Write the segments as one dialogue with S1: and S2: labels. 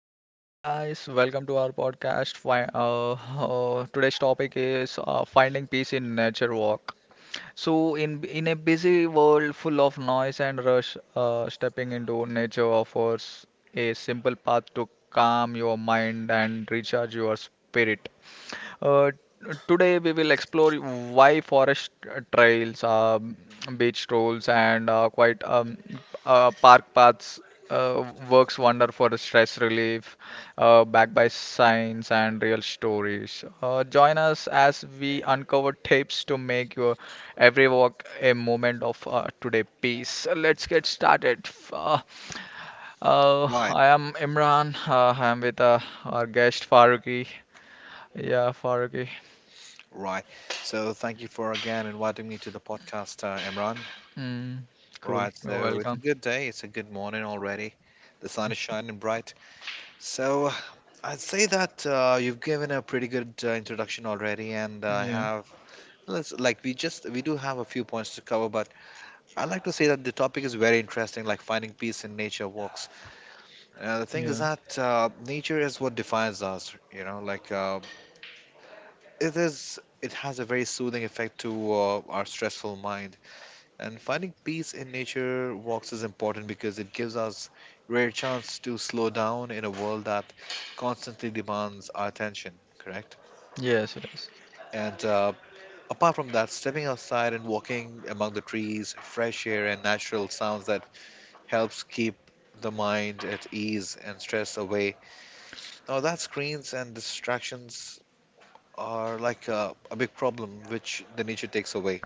S1: Hello, guys. Welcome to our podcast. Today's topic is finding peace in nature walk. So, in in a busy world full of noise and rush, stepping into nature offers a simple path to calm your mind and recharge your spirit. Uh, today we will explore why forest trails, beach strolls, and quite park paths works wonder for stress relief, backed by science and real stories. Join us as we uncover tips to make your every walk a moment of today peace. Let's get started. Uh,
S2: Right,
S1: I am Imran. I am with our guest Faruqi. Yeah, Faruqi.
S2: right. So thank you for again inviting me to the podcast, Imran.
S1: Mm, cool.
S2: Right,
S1: You're
S2: so it's a
S1: welcome.
S2: good day. It's a good morning already. The sun is shining bright. So I'd say that you've given a pretty good introduction already, and I
S1: Yeah.
S2: have let's like we just we do have a few points to cover, but I like to say that the topic is very interesting, like finding peace in nature walks. The thing is
S1: Yeah.
S2: that nature is what defines us, you know, it is. It has a very soothing effect to our stressful minds. And finding peace in nature walks is important because it gives us rare chance to slow down in a world that constantly demands our attention, correct?
S1: Yes. Yes.
S2: And apart from that, stepping outside and walking among the trees, fresh air and natural sounds that helps keep the mind at ease and stress away. Now that screens and distractions are like a big problem which the nature takes away.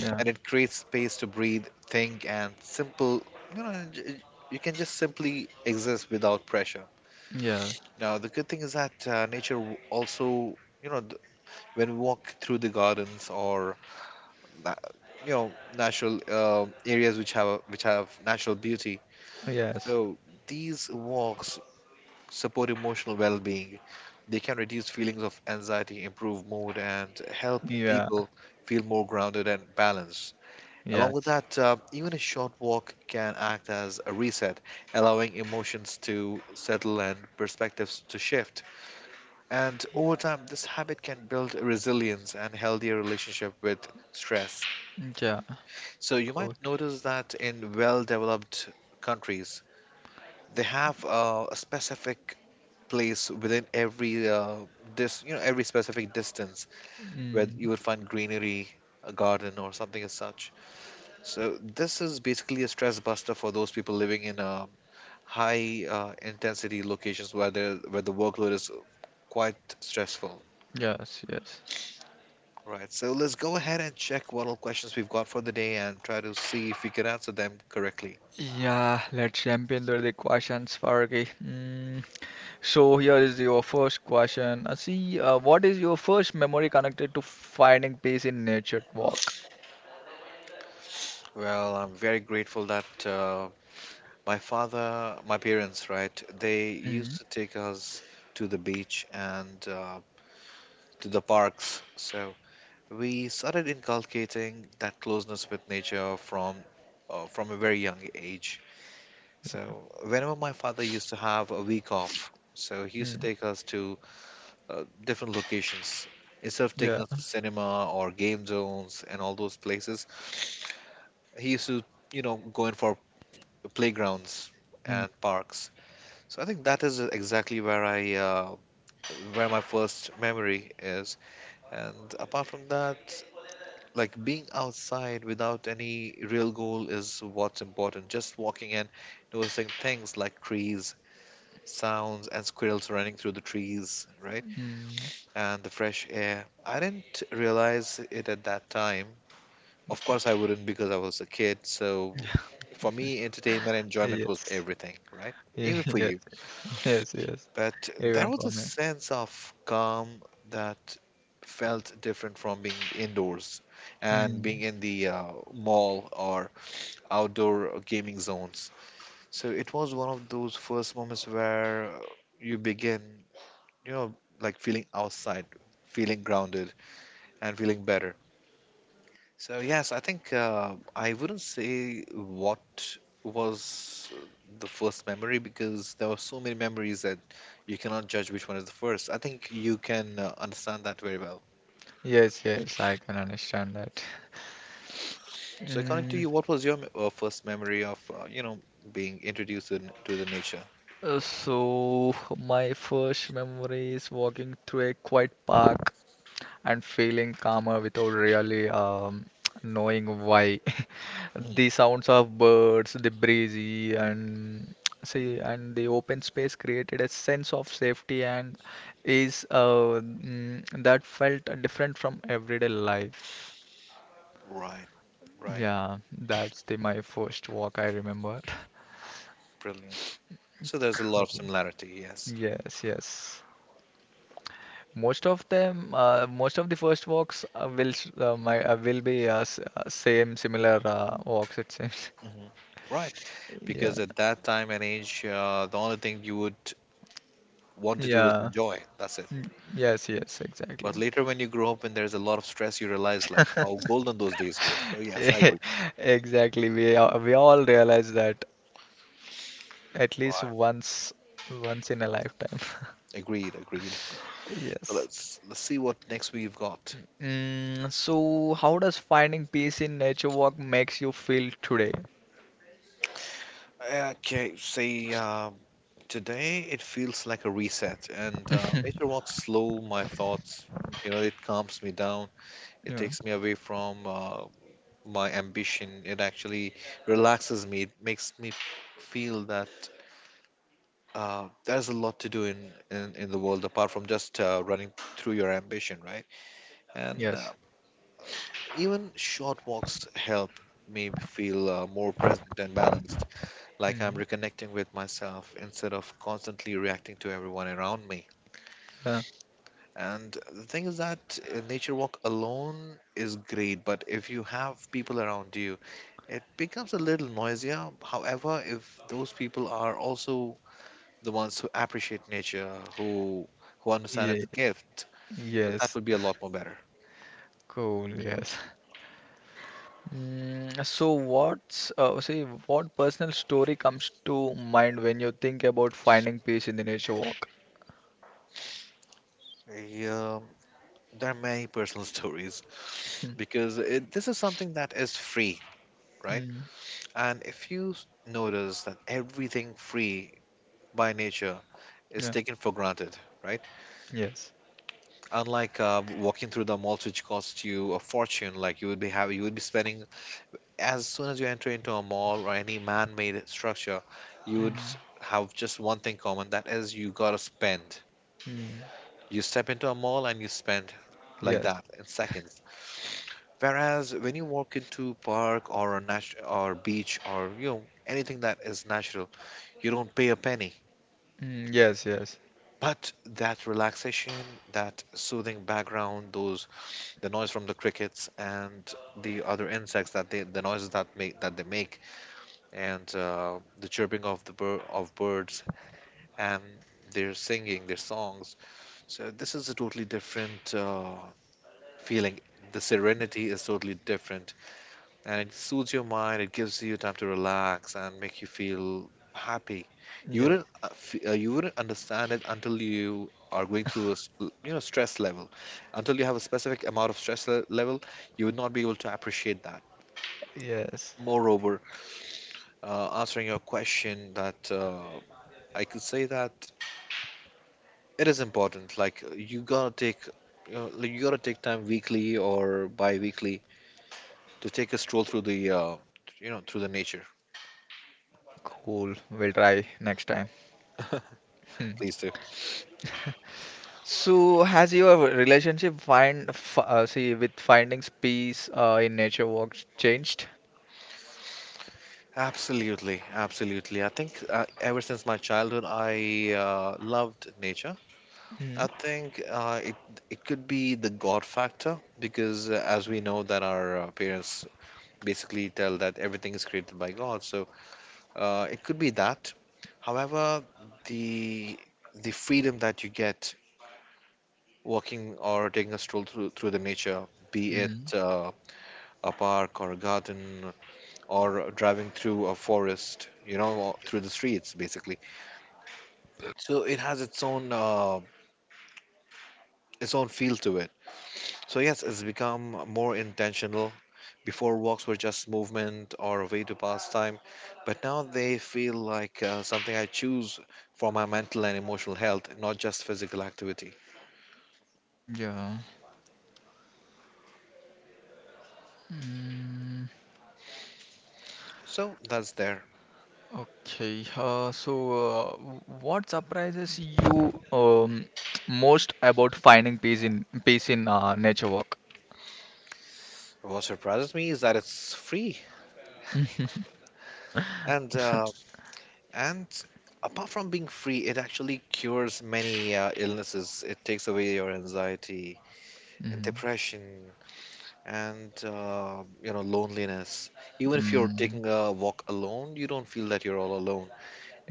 S1: Yeah.
S2: And it creates space to breathe, think, and simple. You know, you can just simply exist without pressure.
S1: Yeah.
S2: Now, the good thing is that also, you know, when we walk through the gardens or na- you know natural areas which have natural beauty,
S1: Yes.
S2: so these walks support emotional well-being. They can reduce feelings of anxiety, improve mood, and help
S1: Yeah.
S2: people feel more grounded and balanced. Along with
S1: Yes.
S2: that, even a short walk can act as a reset, allowing emotions to settle and perspectives to shift. And over time, this habit can build resilience and healthier relationship with stress.
S1: Yeah.
S2: So you might
S1: Cool.
S2: notice that in well-developed countries, they have a specific place within every you know every specific distance where
S1: Mm,
S2: you would find greenery, a garden, or something as such. So this is basically a stress buster for those people living in high intensity locations where the workload is quite stressful.
S1: yes. Yes.
S2: Right. So let's go ahead and check what all questions we've got for the day and try to see if we can answer them correctly.
S1: Yeah, let's jump into the questions, Fargi. Mm, so here is your first question. What is your first memory connected to finding peace in nature walk?
S2: Well, I'm very grateful that my father, my parents, right, they used
S1: Mm,
S2: to take us to the beach and to the parks. So we started inculcating that closeness with nature from a very young age. So whenever my father used to have a week off, so he used to
S1: mm,
S2: take us to different locations. Instead of taking
S1: yeah.
S2: us to cinema or game zones and all those places, he used to, you know, go in for playgrounds
S1: Mm,
S2: and parks. So I think that is exactly where where my first memory is. And apart from that, like being outside without any real goal is what's important. Just walking and noticing things like trees, sounds, and squirrels running through the trees, right?
S1: mm,
S2: And the fresh air. I didn't realize it at that time. Of course, I wouldn't because I was a kid. So for me, entertainment and enjoyment was
S1: yes.
S2: everything, right? Even
S1: Yes.
S2: for
S1: Yes.
S2: you.
S1: Yes. Yes.
S2: But
S1: Even
S2: there was
S1: for
S2: a sense of calm that felt different from being indoors and
S1: me.
S2: being in the mall or outdoor gaming zones. So it was one of those first moments where you begin, you know, like feeling outside, feeling grounded, and feeling better. So yes, I think I wouldn't say what was the first memory because there were so many memories that you cannot judge which one is the first. I think you can understand that very well.
S1: Yes, yes, I can understand that.
S2: So according to
S1: Mm,
S2: you, what was your first memory of you know being introduced to the nature?
S1: my first memory is walking through a quiet park and feeling calmer without really knowing why.
S2: Mhm.
S1: The sounds of birds, the breezy, and see, and the open space created a sense of safety and that felt different from everyday life.
S2: Right, right,
S1: Yeah, that's the my first walk I remember.
S2: brilliant. So there's a lot of similarity, yes.
S1: Yes, yes. Most of them, most of the first walks will be same similar walks it seems.
S2: Hmm. Right.
S1: Yeah,
S2: Because at that time and age, the only thing you would want to do is
S1: yeah.
S2: enjoy. That's it.
S1: Mm, yes, yes, exactly.
S2: But later, when you grow up and there's a lot of stress, you realize like how golden those days were. So yes, I agree.
S1: Exactly. We all realize that at least
S2: Right.
S1: once once in a lifetime.
S2: Agreed. Agreed. So
S1: Yes.
S2: let's see what next we've got.
S1: Mm, so how does finding peace in nature walk makes you feel today?
S2: Okay. See, today it feels like a reset, and nature walks slow my thoughts. You know, it calms me down. It
S1: Yeah.
S2: takes me away from my ambition. It actually relaxes me. It makes me feel that there's a lot to do in the world apart from just running through your ambition, right? And
S1: Yes.
S2: even short walks help me feel more present and balanced, like I'm
S1: Mhm.
S2: reconnecting with myself instead of constantly reacting to everyone around me.
S1: Yeah.
S2: And the thing is that a nature walk alone is great, but if you have people around you, it becomes a little noisier. However, if those people are also the ones who appreciate nature, who who understand
S1: Yeah.
S2: its gift, so that
S1: Yes.
S2: would be a lot more better.
S1: Cool. Yes. Mm, so what personal story comes to mind when you think about finding peace in the nature walk?
S2: Yeah, there are many personal stories
S1: Mm,
S2: because this is something that is free, right?
S1: mm,
S2: And if you notice that everything free by nature is
S1: yeah.
S2: taken for granted, right?
S1: Yes.
S2: Unlike walking through the malls, which costs you a fortune, like you would be having, you would be spending as soon as you enter into a mall or any man-made structure, you would
S1: Mm,
S2: have just one thing common. That is, you gotta spend.
S1: mm,
S2: You step into a mall and you spend like
S1: yes.
S2: that in seconds. Whereas when you walk into park or a nat- or beach or you know anything that is natural, you don't pay a penny.
S1: Mm, yes. Yes.
S2: But that relaxation, that soothing background, those the noise from the crickets and the other insects that they make and the chirping of the bir- of birds and their songs, so this is a totally different feeling. The serenity is totally different, and it soothes your mind. It gives you time to relax and make you feel happy. You wouldn't
S1: Yes.
S2: you wouldn't understand it until you are going through you know stress level, until you have a specific amount of level, you would not be able to appreciate that.
S1: Yes.
S2: Moreover, answering your question that I could say that it is important. Like you gotta take, you, know, like, you gotta take time weekly or bi-weekly to take a stroll through you know, through the nature.
S1: Cool. We'll try next time. Hmm.
S2: Please do.
S1: So has your relationship find f see with findings peace in nature walks changed?
S2: Absolutely, absolutely. I think ever since my childhood, I loved nature. I
S1: Mm.
S2: think it it could be the God factor because as we know that our parents basically tell that everything is created by God, so it could be that. However, the the freedom that you get walking or taking a stroll through the nature, be it a park or a garden or driving through a forest, you know, or through the streets basically. So it has its own feel to it. So yes, it's become more intentional. Before, walks were just movement or a way to pass time, but now they feel like something I choose for my mental and emotional health, not just physical activity.
S1: Yeah.
S2: So that's there.
S1: Okay, uh, so uh, w- what surprises you um, most about finding peace in peace in nature walk?
S2: What surprises me is that it's free, and and apart from being free, it actually cures many illnesses. It takes away your anxiety and
S1: Mm,
S2: depression, and you know loneliness. Even if you're
S1: mm,
S2: taking a walk alone, you don't feel that you're all alone.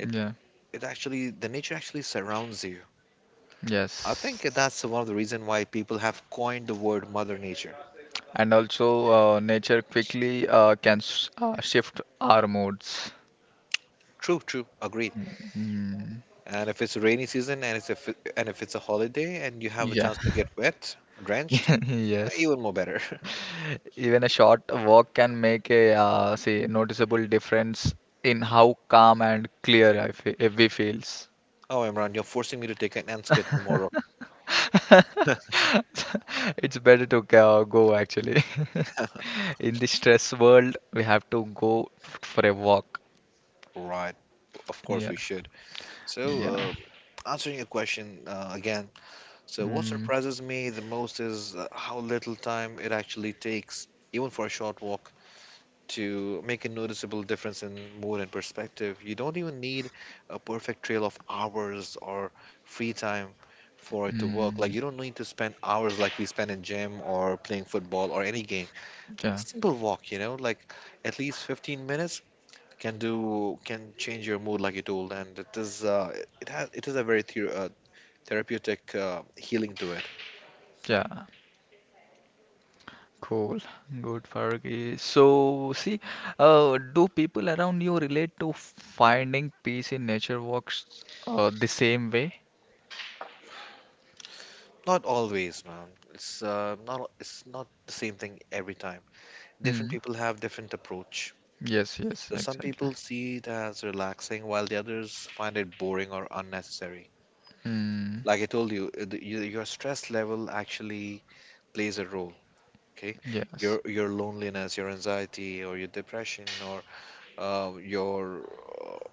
S1: yeah,
S2: It actually, the nature actually surrounds you. I think
S1: yes,
S2: that's one of the reason why people have coined the word Mother Nature.
S1: and also nature quickly can s shift our moods.
S2: True, true, agreed.
S1: Mm,
S2: And if it's a rainy season, and if it's a holiday, and you have a
S1: yeah,
S2: chance to get wet, drenched,
S1: yes,
S2: even more better.
S1: even a short walk can make a say noticeable difference in how calm and clear I fe we feels.
S2: Oh, Imran, you're forcing me to take an ants kit tomorrow,
S1: It's better to go, go actually. In the stress world, we have to for a walk.
S2: right? Of course
S1: Yeah,
S2: we should. So,
S1: yeah.
S2: answering your question again. So, what
S1: Mm,
S2: surprises me the most is how little time it actually takes, even for a short walk to make a noticeable difference in mood and perspective. You don't even need a perfect trail of hours or free time for it to work. Like
S1: mm,
S2: you don't need to spend hours like we spend in gym or playing football or any game. A
S1: yeah,
S2: simple walk, you know, like at least 15 minutes can change your mood like you told, and it is it is a very therapeutic healing to it.
S1: yeah. Cool. Good, Fargi. Do people around you relate to finding peace in nature walks the same way?
S2: Not always, man. It's not it's not the same thing every time. Different
S1: Mm,
S2: people have different approach.
S1: yes, yes,
S2: So some
S1: exactly.
S2: people see it as relaxing, while the others find it boring or unnecessary.
S1: Mm,
S2: Like I told you, your stress level actually plays a role. Okay, your
S1: yes,
S2: your loneliness, your anxiety, or your depression, or your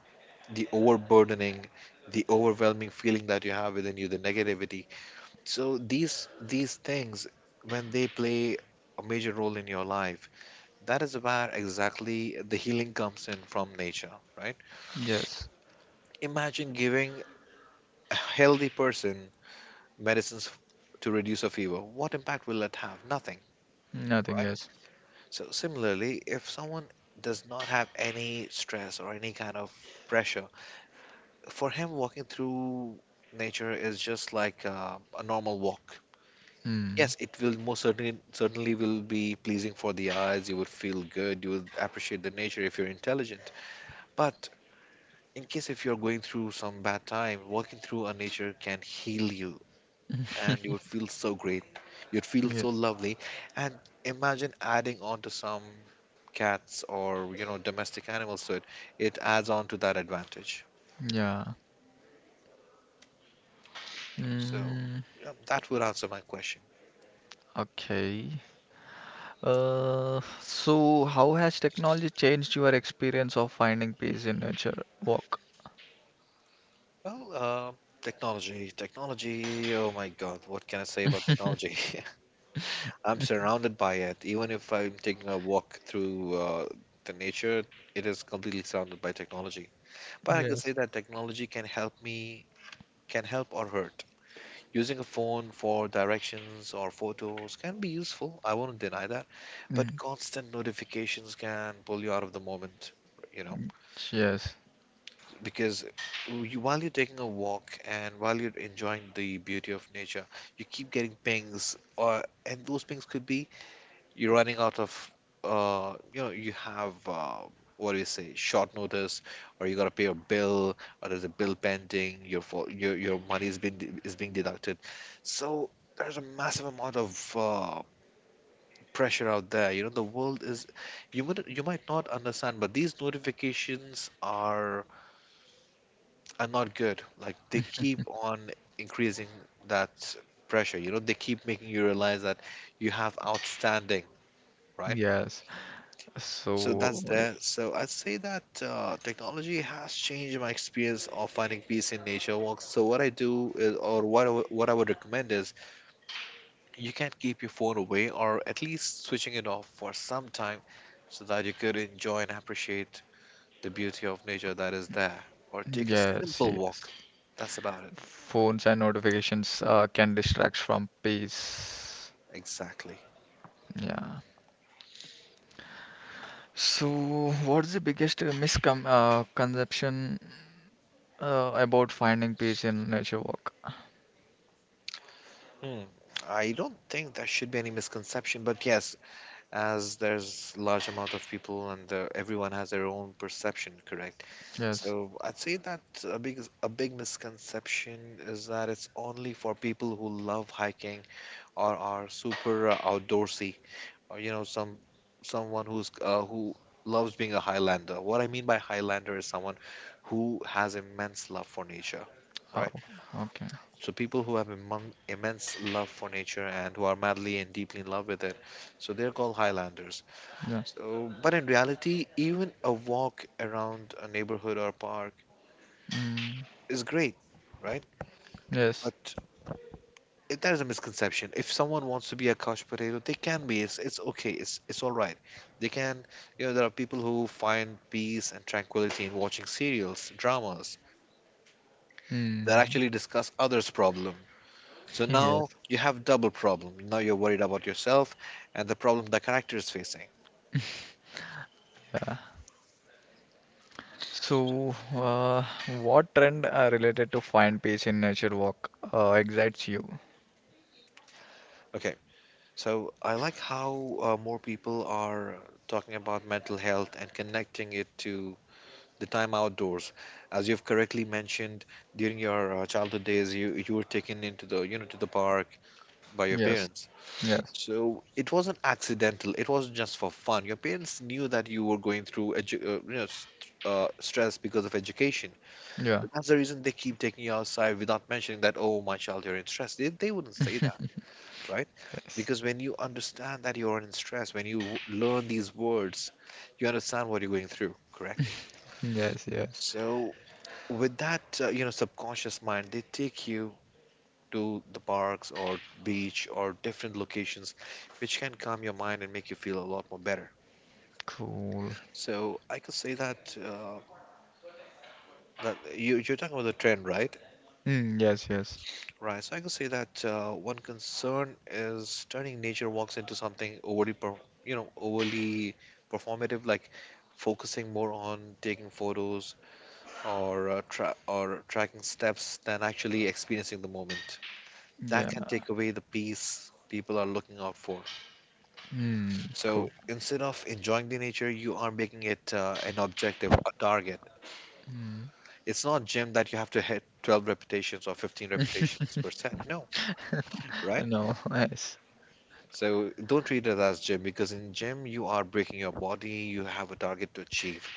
S2: the overburdening, the overwhelming feeling that you have within you, the negativity. So these things, when they play a major role in your life, that is where exactly the healing comes in from nature, right?
S1: yes.
S2: Imagine giving a healthy person medicines f- to reduce a fever, what impact will that have? Nothing,
S1: Nothing,
S2: right?
S1: yes.
S2: So similarly, if someone does not have any stress or any kind of pressure, for him walking through nature is just like a normal walk.
S1: Mm,
S2: Yes, it will most certainly will be pleasing for the eyes. You would feel good. You would appreciate the nature if you're intelligent. But in case if you're going through some bad time, walking through a nature can heal you and you would feel so great. You'd feel so
S1: yes.
S2: lovely. And imagine adding on to some cats or, you know, domestic animals to it. It adds on to that advantage.
S1: Yeah.
S2: So
S1: Mm.
S2: yeah, that would answer my question.
S1: Okay. So how has technology changed your experience of finding peace in nature walk?
S2: Well, uh, Technology, Oh my God, what can I say about technology? I'm surrounded by it. Even if I'm taking a walk through the nature, it is completely surrounded by technology. But I can say
S1: Yes.
S2: that technology can help me, can help or hurt. Using a phone for directions or photos can be useful, I won't deny that, but
S1: Mm,
S2: constant notifications can pull you out of the moment, you know,
S1: yes,
S2: because while you're taking a walk and while you're enjoying the beauty of nature, you keep getting pings, or and those pings could be you're running out of you know you have what do you say, short notice, or you got to pay a bill, or there's a bill pending, your fo- your money is being deducted. So there's a massive amount of pressure out there, you know. The world is, you would, you might not understand, but these notifications are not good, like they keep on increasing that pressure, you know. They keep making you realize that you have outstanding, right?
S1: yes.
S2: So that's
S1: So,
S2: there. So I'd say that technology has changed my experience of finding peace in nature walks. So what I do is, or what I would recommend is, you can keep your phone away, or at least switching it off for some time, so that you could enjoy and appreciate the beauty of nature that is there. Or take a
S1: yes,
S2: simple walk.
S1: yes.
S2: That's about it.
S1: Phones and notifications can distract from peace.
S2: Exactly.
S1: Yeah. So, what's the biggest miscon conception about finding peace in nature walk?
S2: Hmm. I don't think there should be any misconception, but yes, as there's large amount of people and everyone has their own perception, correct?
S1: Yes.
S2: So I'd say that a big misconception is that it's only for people who love hiking or are super outdoorsy, or you know, someone who loves being a Highlander. What I mean by Highlander is someone who has immense love for nature, right?
S1: Oh, okay.
S2: So people who have immense love for nature and who are madly and deeply in love with it, so they're called Highlanders.
S1: Yeah.
S2: So, but in reality, even a walk around a neighborhood or park
S1: Mm.
S2: is great, right?
S1: Yes.
S2: But there is a misconception. If someone wants to be a couch potato, they can be. It's okay. It's all right. They can. You know, there are people who find peace and tranquility in watching serials, dramas that
S1: Mm.
S2: actually discuss others' problem. So now
S1: Yes.
S2: you have double problem. Now you're worried about yourself and the problem the character is facing.
S1: Yeah. So, what trend are related to find peace in nature walk excites you?
S2: Okay. So I like how more people are talking about mental health and connecting it to the time outdoors. As you've correctly mentioned, during your childhood days, you were taken into the you know to the park by your
S1: Yes.
S2: parents.
S1: Yes.
S2: So it wasn't accidental. It wasn't just for fun. Your parents knew that you were going through stress because of education. So
S1: Yeah.
S2: that's the reason they keep taking you outside without mentioning that. Oh, my child, you're in stress. They wouldn't say that, right?
S1: Yes.
S2: Because when you understand that you're in stress, when you learn these words, you understand what you're going through. Correct.
S1: Yes. Yes.
S2: So with that subconscious mind they take you to the parks or beach or different locations which can calm your mind and make you feel a lot more better.
S1: Cool.
S2: So I could say that you're talking about the trend, right?
S1: Mm, yes. Yes.
S2: Right, so I could say that one concern is turning nature walks into something overly performative, like focusing more on taking photos or tracking steps than actually experiencing the moment.
S1: Yeah.
S2: That can take away the peace people are looking out for.
S1: Mm, cool.
S2: So instead of enjoying the nature, you are making it an objective, a target.
S1: Mm.
S2: It's not gym that you have to hit 12 repetitions or 15 repetitions per set. No, right?
S1: No. Yes.
S2: So don't treat it as gym because in gym you are breaking your body, you have a target to achieve.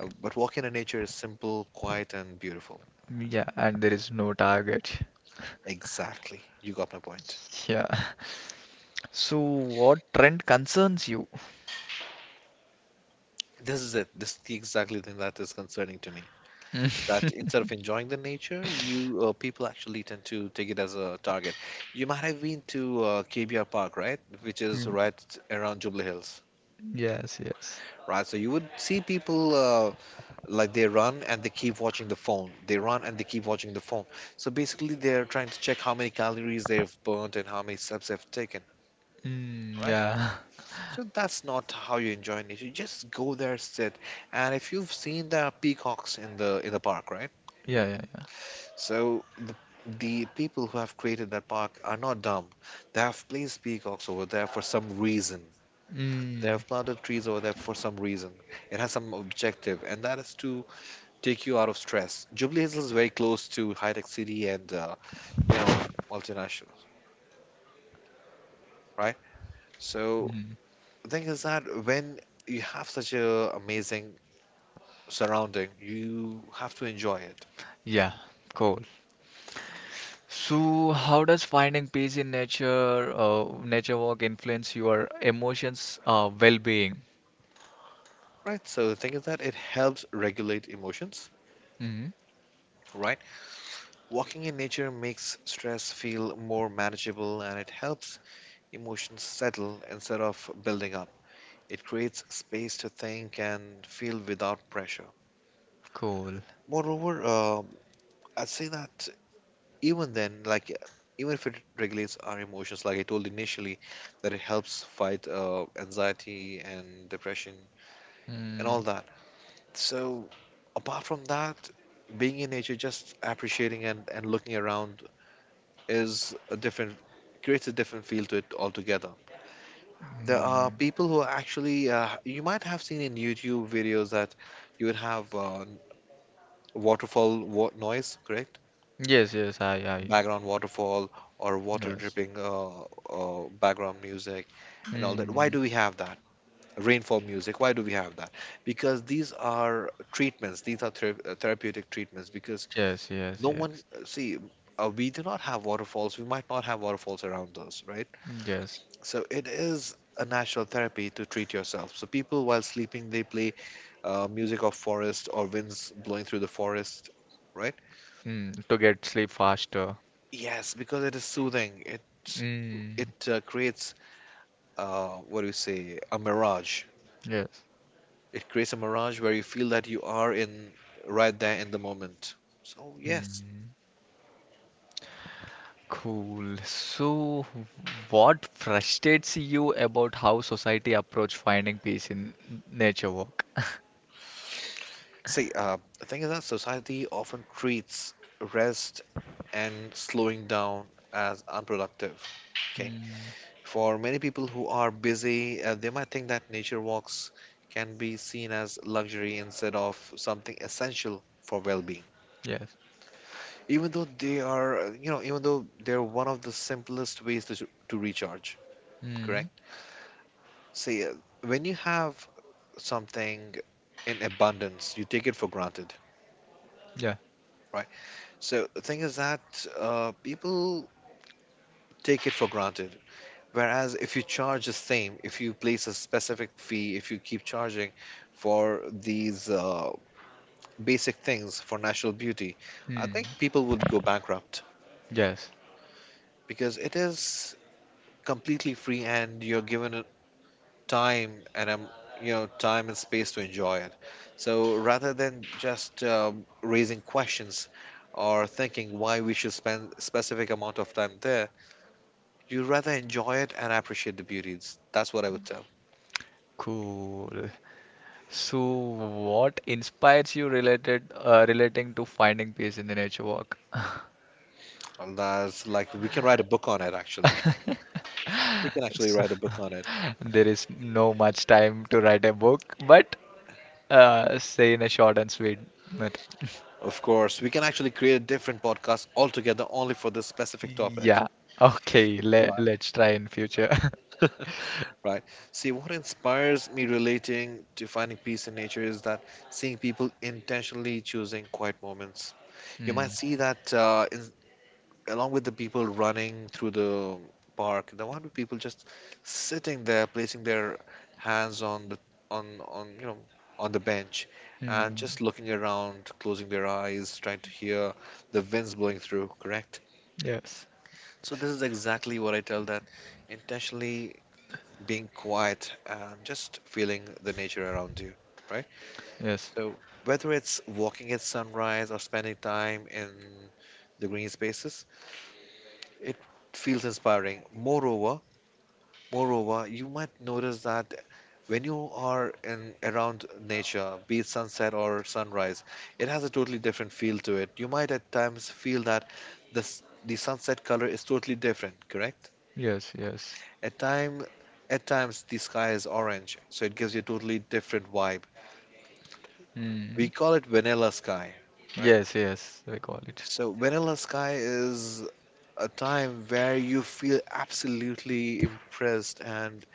S2: But walking in nature is simple, quiet, and beautiful.
S1: Yeah. And there is no target.
S2: Exactly. You got my point.
S1: Yeah. So, what trend concerns you?
S2: This is it. This is the exactly thing that is concerning to me. That
S1: Mm.
S2: instead of enjoying the nature, you people actually tend to take it as a target. You might have been to KBR Park, right, which is
S1: Mm,
S2: right around Jubilee Hills,
S1: yes. Yes.
S2: right? So you would see people like they run and they keep watching the phone. They run and they keep watching the phone. So basically, they're trying to check how many calories they've burnt and how many steps they've taken.
S1: Mm,
S2: Right,
S1: yeah.
S2: so that's not how you enjoy nature. You just go there, sit, and if you've seen the peacocks in the park, right?
S1: Yeah. Yeah.
S2: So the people who have created that park are not dumb. They have placed peacocks over there for some reason.
S1: Yeah.
S2: They
S1: Mm.
S2: have planted trees over there for some reason. It has some objective, and that is to take you out of stress. Jubilee Hills is very close to high tech city and you know multinationals, right? So
S1: Mm.
S2: the thing is that when you have such a amazing surrounding, you have to enjoy it,
S1: Yeah, cool. So, how does finding peace in nature walk influence your emotions, well-being?
S2: right? So the thing is that it helps regulate emotions,
S1: Hmm.
S2: right? Walking in nature makes stress feel more manageable and it helps emotions settle instead of building up. It creates space to think and feel without pressure.
S1: Cool.
S2: Moreover, I'd say that even then, like even if it regulates our emotions, like I told initially, that it helps fight anxiety and depression and all
S1: Mm,
S2: that. So apart from that, being in nature, just appreciating and looking around is a different creates a different feel to it altogether. There are
S1: mm.
S2: people who are actually you might have seen in YouTube videos that you would have noise, correct?
S1: Yes, yes, I, I,
S2: Background waterfall or water
S1: yes.
S2: dripping background music and all that. Why
S1: Mm.
S2: do we have that? Rainfall music. Why do we have that? Because these are treatments. These are therapeutic treatments. Because
S1: Yes, yes,
S2: no one
S1: yes,
S2: see. We do not have waterfalls. We might not have waterfalls around us, right?
S1: yes.
S2: So it is a natural therapy to treat yourself. So people, while sleeping, they play music of forest or winds blowing through the forest, right?
S1: Mm. To get sleep faster.
S2: Yes, because it is soothing.
S1: Mm.
S2: It creates, what do you say, a mirage.
S1: Yes.
S2: It creates a mirage where you feel that you are in right there in the moment. So yes,
S1: Mm. Cool. So, what frustrates you about how society approach finding peace in nature walk?
S2: see, the thing is that society often treats rest and slowing down as unproductive. Okay. For many people who are busy, they might think that nature walks can be seen as luxury instead of something essential for well-being.
S1: Yes.
S2: Even though they are, even though they're one of the simplest ways to recharge, correct?
S1: Mm.
S2: See, when you have something in abundance, you take it for granted,
S1: Yeah.
S2: right? So the thing is that people take it for granted. Whereas if you charge the same, if you place a specific fee, if you keep charging for these basic things for natural beauty, I
S1: Mm.
S2: think people would go bankrupt
S1: Yes.
S2: because it is completely free and you're given a time and time and space to enjoy it. So rather than just raising questions or thinking why we should spend specific amount of time there, you rather enjoy it and appreciate the beauties. That's what I would tell.
S1: Cool. So, what inspires you related relating to finding peace in the nature walk?
S2: And that's like we can write a book on it actually. We can actually
S1: So,
S2: write a book on it.
S1: there is no much time to write a book, but say in a short and sweet method.
S2: Of course, we can actually create a different podcast altogether only for this specific topic.
S1: Yeah. Okay. Le
S2: Right.
S1: Let's try in future.
S2: Right. See, what inspires me relating to finding peace in nature is that seeing people intentionally choosing quiet moments. You might
S1: Mm.
S2: see that in along with the people running through the park, the one with people just sitting there, placing their hands on the on on the bench and
S1: Mm.
S2: just looking around, closing their eyes, trying to hear the winds blowing through, correct?
S1: Yes.
S2: So this is exactly what I tell, that intentionally being quiet and just feeling the nature around you, right?
S1: Yes.
S2: So whether it's walking at sunrise or spending time in the green spaces, it feels inspiring. Moreover, you might notice that when you are in around nature, be it sunset or sunrise, it has a totally different feel to it. You might at times feel that the sunset color is totally different, correct?
S1: Yes. Yes.
S2: At time at times the sky is orange, so it gives you a totally different vibe.
S1: Mm.
S2: We call it vanilla sky, right?
S1: Yes. Yes. We call it.
S2: So vanilla sky is a time where you feel absolutely impressed and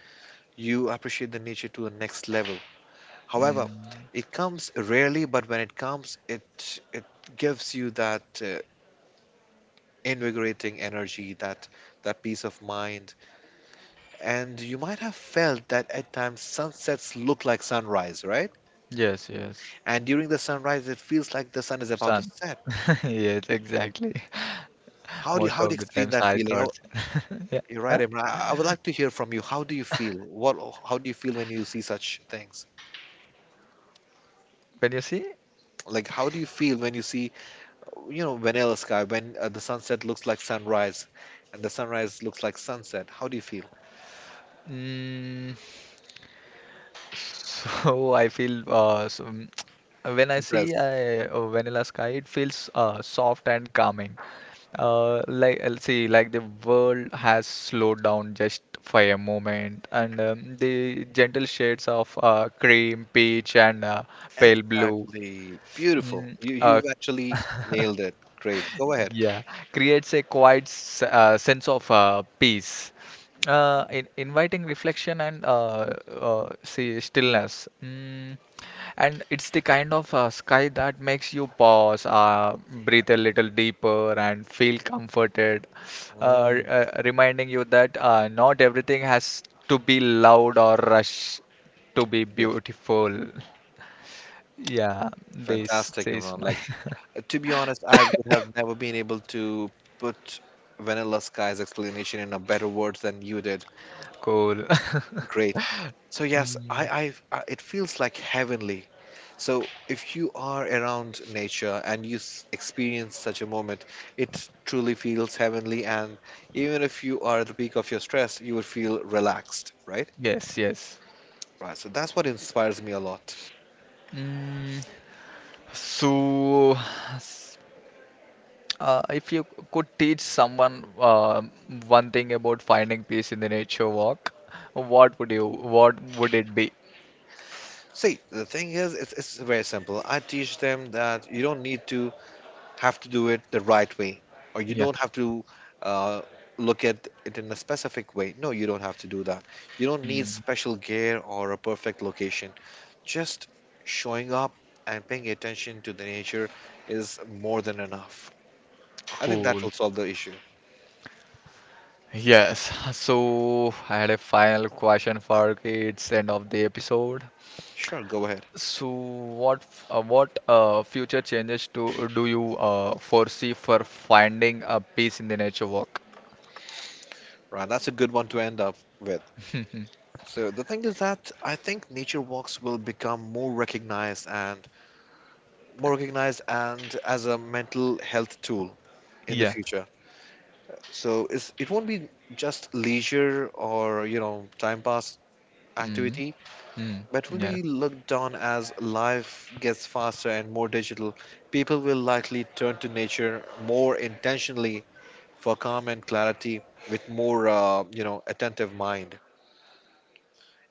S2: you appreciate the nature to a next level. However,
S1: Mm.
S2: it comes rarely, but when it comes, it gives you that invigorating energy, that peace of mind, and you might have felt that at times sunsets look like sunrise, right?
S1: Yes. Yes.
S2: And during the sunrise, it feels like the sun is about to
S1: Sun.
S2: set.
S1: Yes, exactly.
S2: How do you,
S1: Most
S2: how do you
S1: of the
S2: explain
S1: times
S2: that
S1: I
S2: feeling? Oh,
S1: thought, yeah.
S2: you're right,
S1: Huh?
S2: Imran. I would like to hear from you. How do you feel? What, how do you feel when you see such things?
S1: When you see,
S2: Like, how do you feel when you see vanilla sky, when the sunset looks like sunrise and the sunrise looks like sunset, how do you feel?
S1: mm, so I feel so, mm, when I see
S2: Impressed,
S1: vanilla sky, it feels soft and calming. Like the world has slowed down just for a moment, and the gentle shades of cream, peach, and pale blue.
S2: exactly beautiful.
S1: Mm,
S2: you
S1: uh,
S2: you've actually nailed it. Great, go ahead.
S1: Yeah, creates a quiet sense of peace, in inviting reflection and see stillness. Mm. And it's the kind of sky that makes you pause, breathe a little deeper, and feel comforted,
S2: Mm,
S1: reminding you that not everything has to be loud or rush to be
S2: you're
S1: beautiful. Yeah, this
S2: fantastic,
S1: is
S2: Imran.
S1: my
S2: Like, to be honest, I would have never been able to put vanilla sky's explanation in a better words than you did.
S1: cool.
S2: Great. So yes, I, it feels like heavenly. So, if you are around nature and you experience such a moment, it truly feels heavenly. And even if you are at the peak of your stress, you would feel relaxed, right?
S1: Yes, yes.
S2: Right. So, that's what inspires me a lot.
S1: Mm, so, s- if you could teach someone one thing about finding peace in the nature walk, what would it be?
S2: See, the thing is, it's very simple. I teach them that you don't need to have to do it the right way, or you
S1: Yeah.
S2: don't have to uh, look at it in a specific way. No, you don't have to do that. You don't need
S1: Mm,
S2: special gear or a perfect location. Just showing up and paying attention to the nature is more than enough. I think that
S1: cool.
S2: will solve the issue.
S1: Yes. So, I had a final question for it's end of the episode.
S2: Sure, go ahead.
S1: So, what future changes to do you foresee for finding a peace in the nature walk?
S2: Right, that's a good one to end up with.
S1: Mhm.
S2: So the thing is that I think nature walks will become more recognized and as a mental health tool in the
S1: Yeah.
S2: future. So it's, it won't be just leisure or time pass
S1: Mm,
S2: activity.
S1: mm,
S2: But will be looked down as life gets faster and more digital. People will likely turn to nature more intentionally for calm and clarity with more, attentive mind.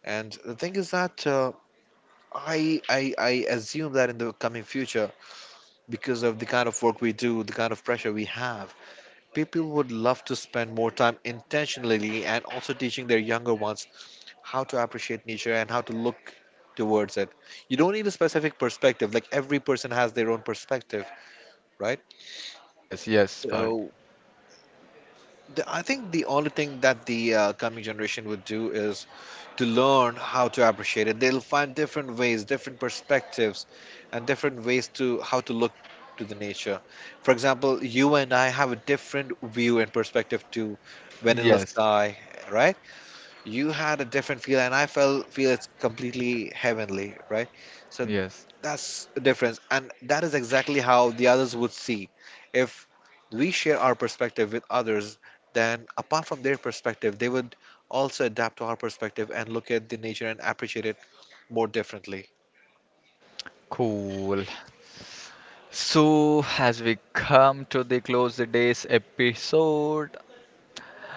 S2: And the thing is that I assume that in the coming future, because of the kind of work we do, the kind of pressure we have, people would love to spend more time intentionally and also teaching their younger ones how to appreciate nature and how to look towards it. You don't need a specific perspective. Like every person has their own perspective, right?
S1: yes, yes, Park.
S2: So the, I think the only thing that the coming generation would do is to learn how to appreciate it. They'll find different ways, different perspectives, and different ways to how to look to the nature. For example, you and I have a different view and perspective to vanilla
S1: Yes,
S2: sky, right? You had a different feel and I felt feel it's completely heavenly, right? So
S1: yes.
S2: that's the difference, and that is exactly how the others would see. If we share our perspective with others, then apart from their perspective they would also adapt to our perspective and look at the nature and appreciate it more differently.
S1: Cool. So, as we come to the close the day's episode,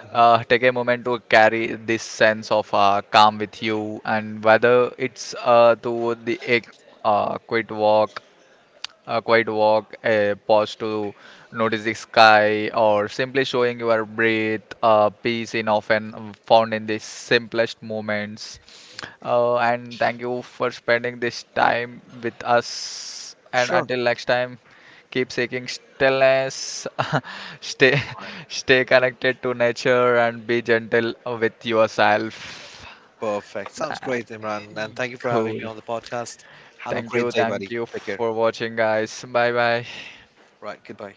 S2: Mhm.
S1: take a moment to carry this sense of calm with you, and whether it's to the quick walk a quiet walk, a pause to notice the sky, or simply showing your breath, peace in often found in the simplest moments. And thank you for spending this time with us. And
S2: Sure.
S1: until next time, keep seeking stillness, stay,
S2: Mohammed.
S1: stay connected to nature, and be gentle with yourself.
S2: Perfect, sounds
S1: Ah,
S2: great, Imran, and thank you for having me
S1: cool.
S2: on the podcast. Have a great day,
S1: Thank
S2: buddy,
S1: you
S2: take care.
S1: for watching, guys. Bye bye.
S2: Right, goodbye.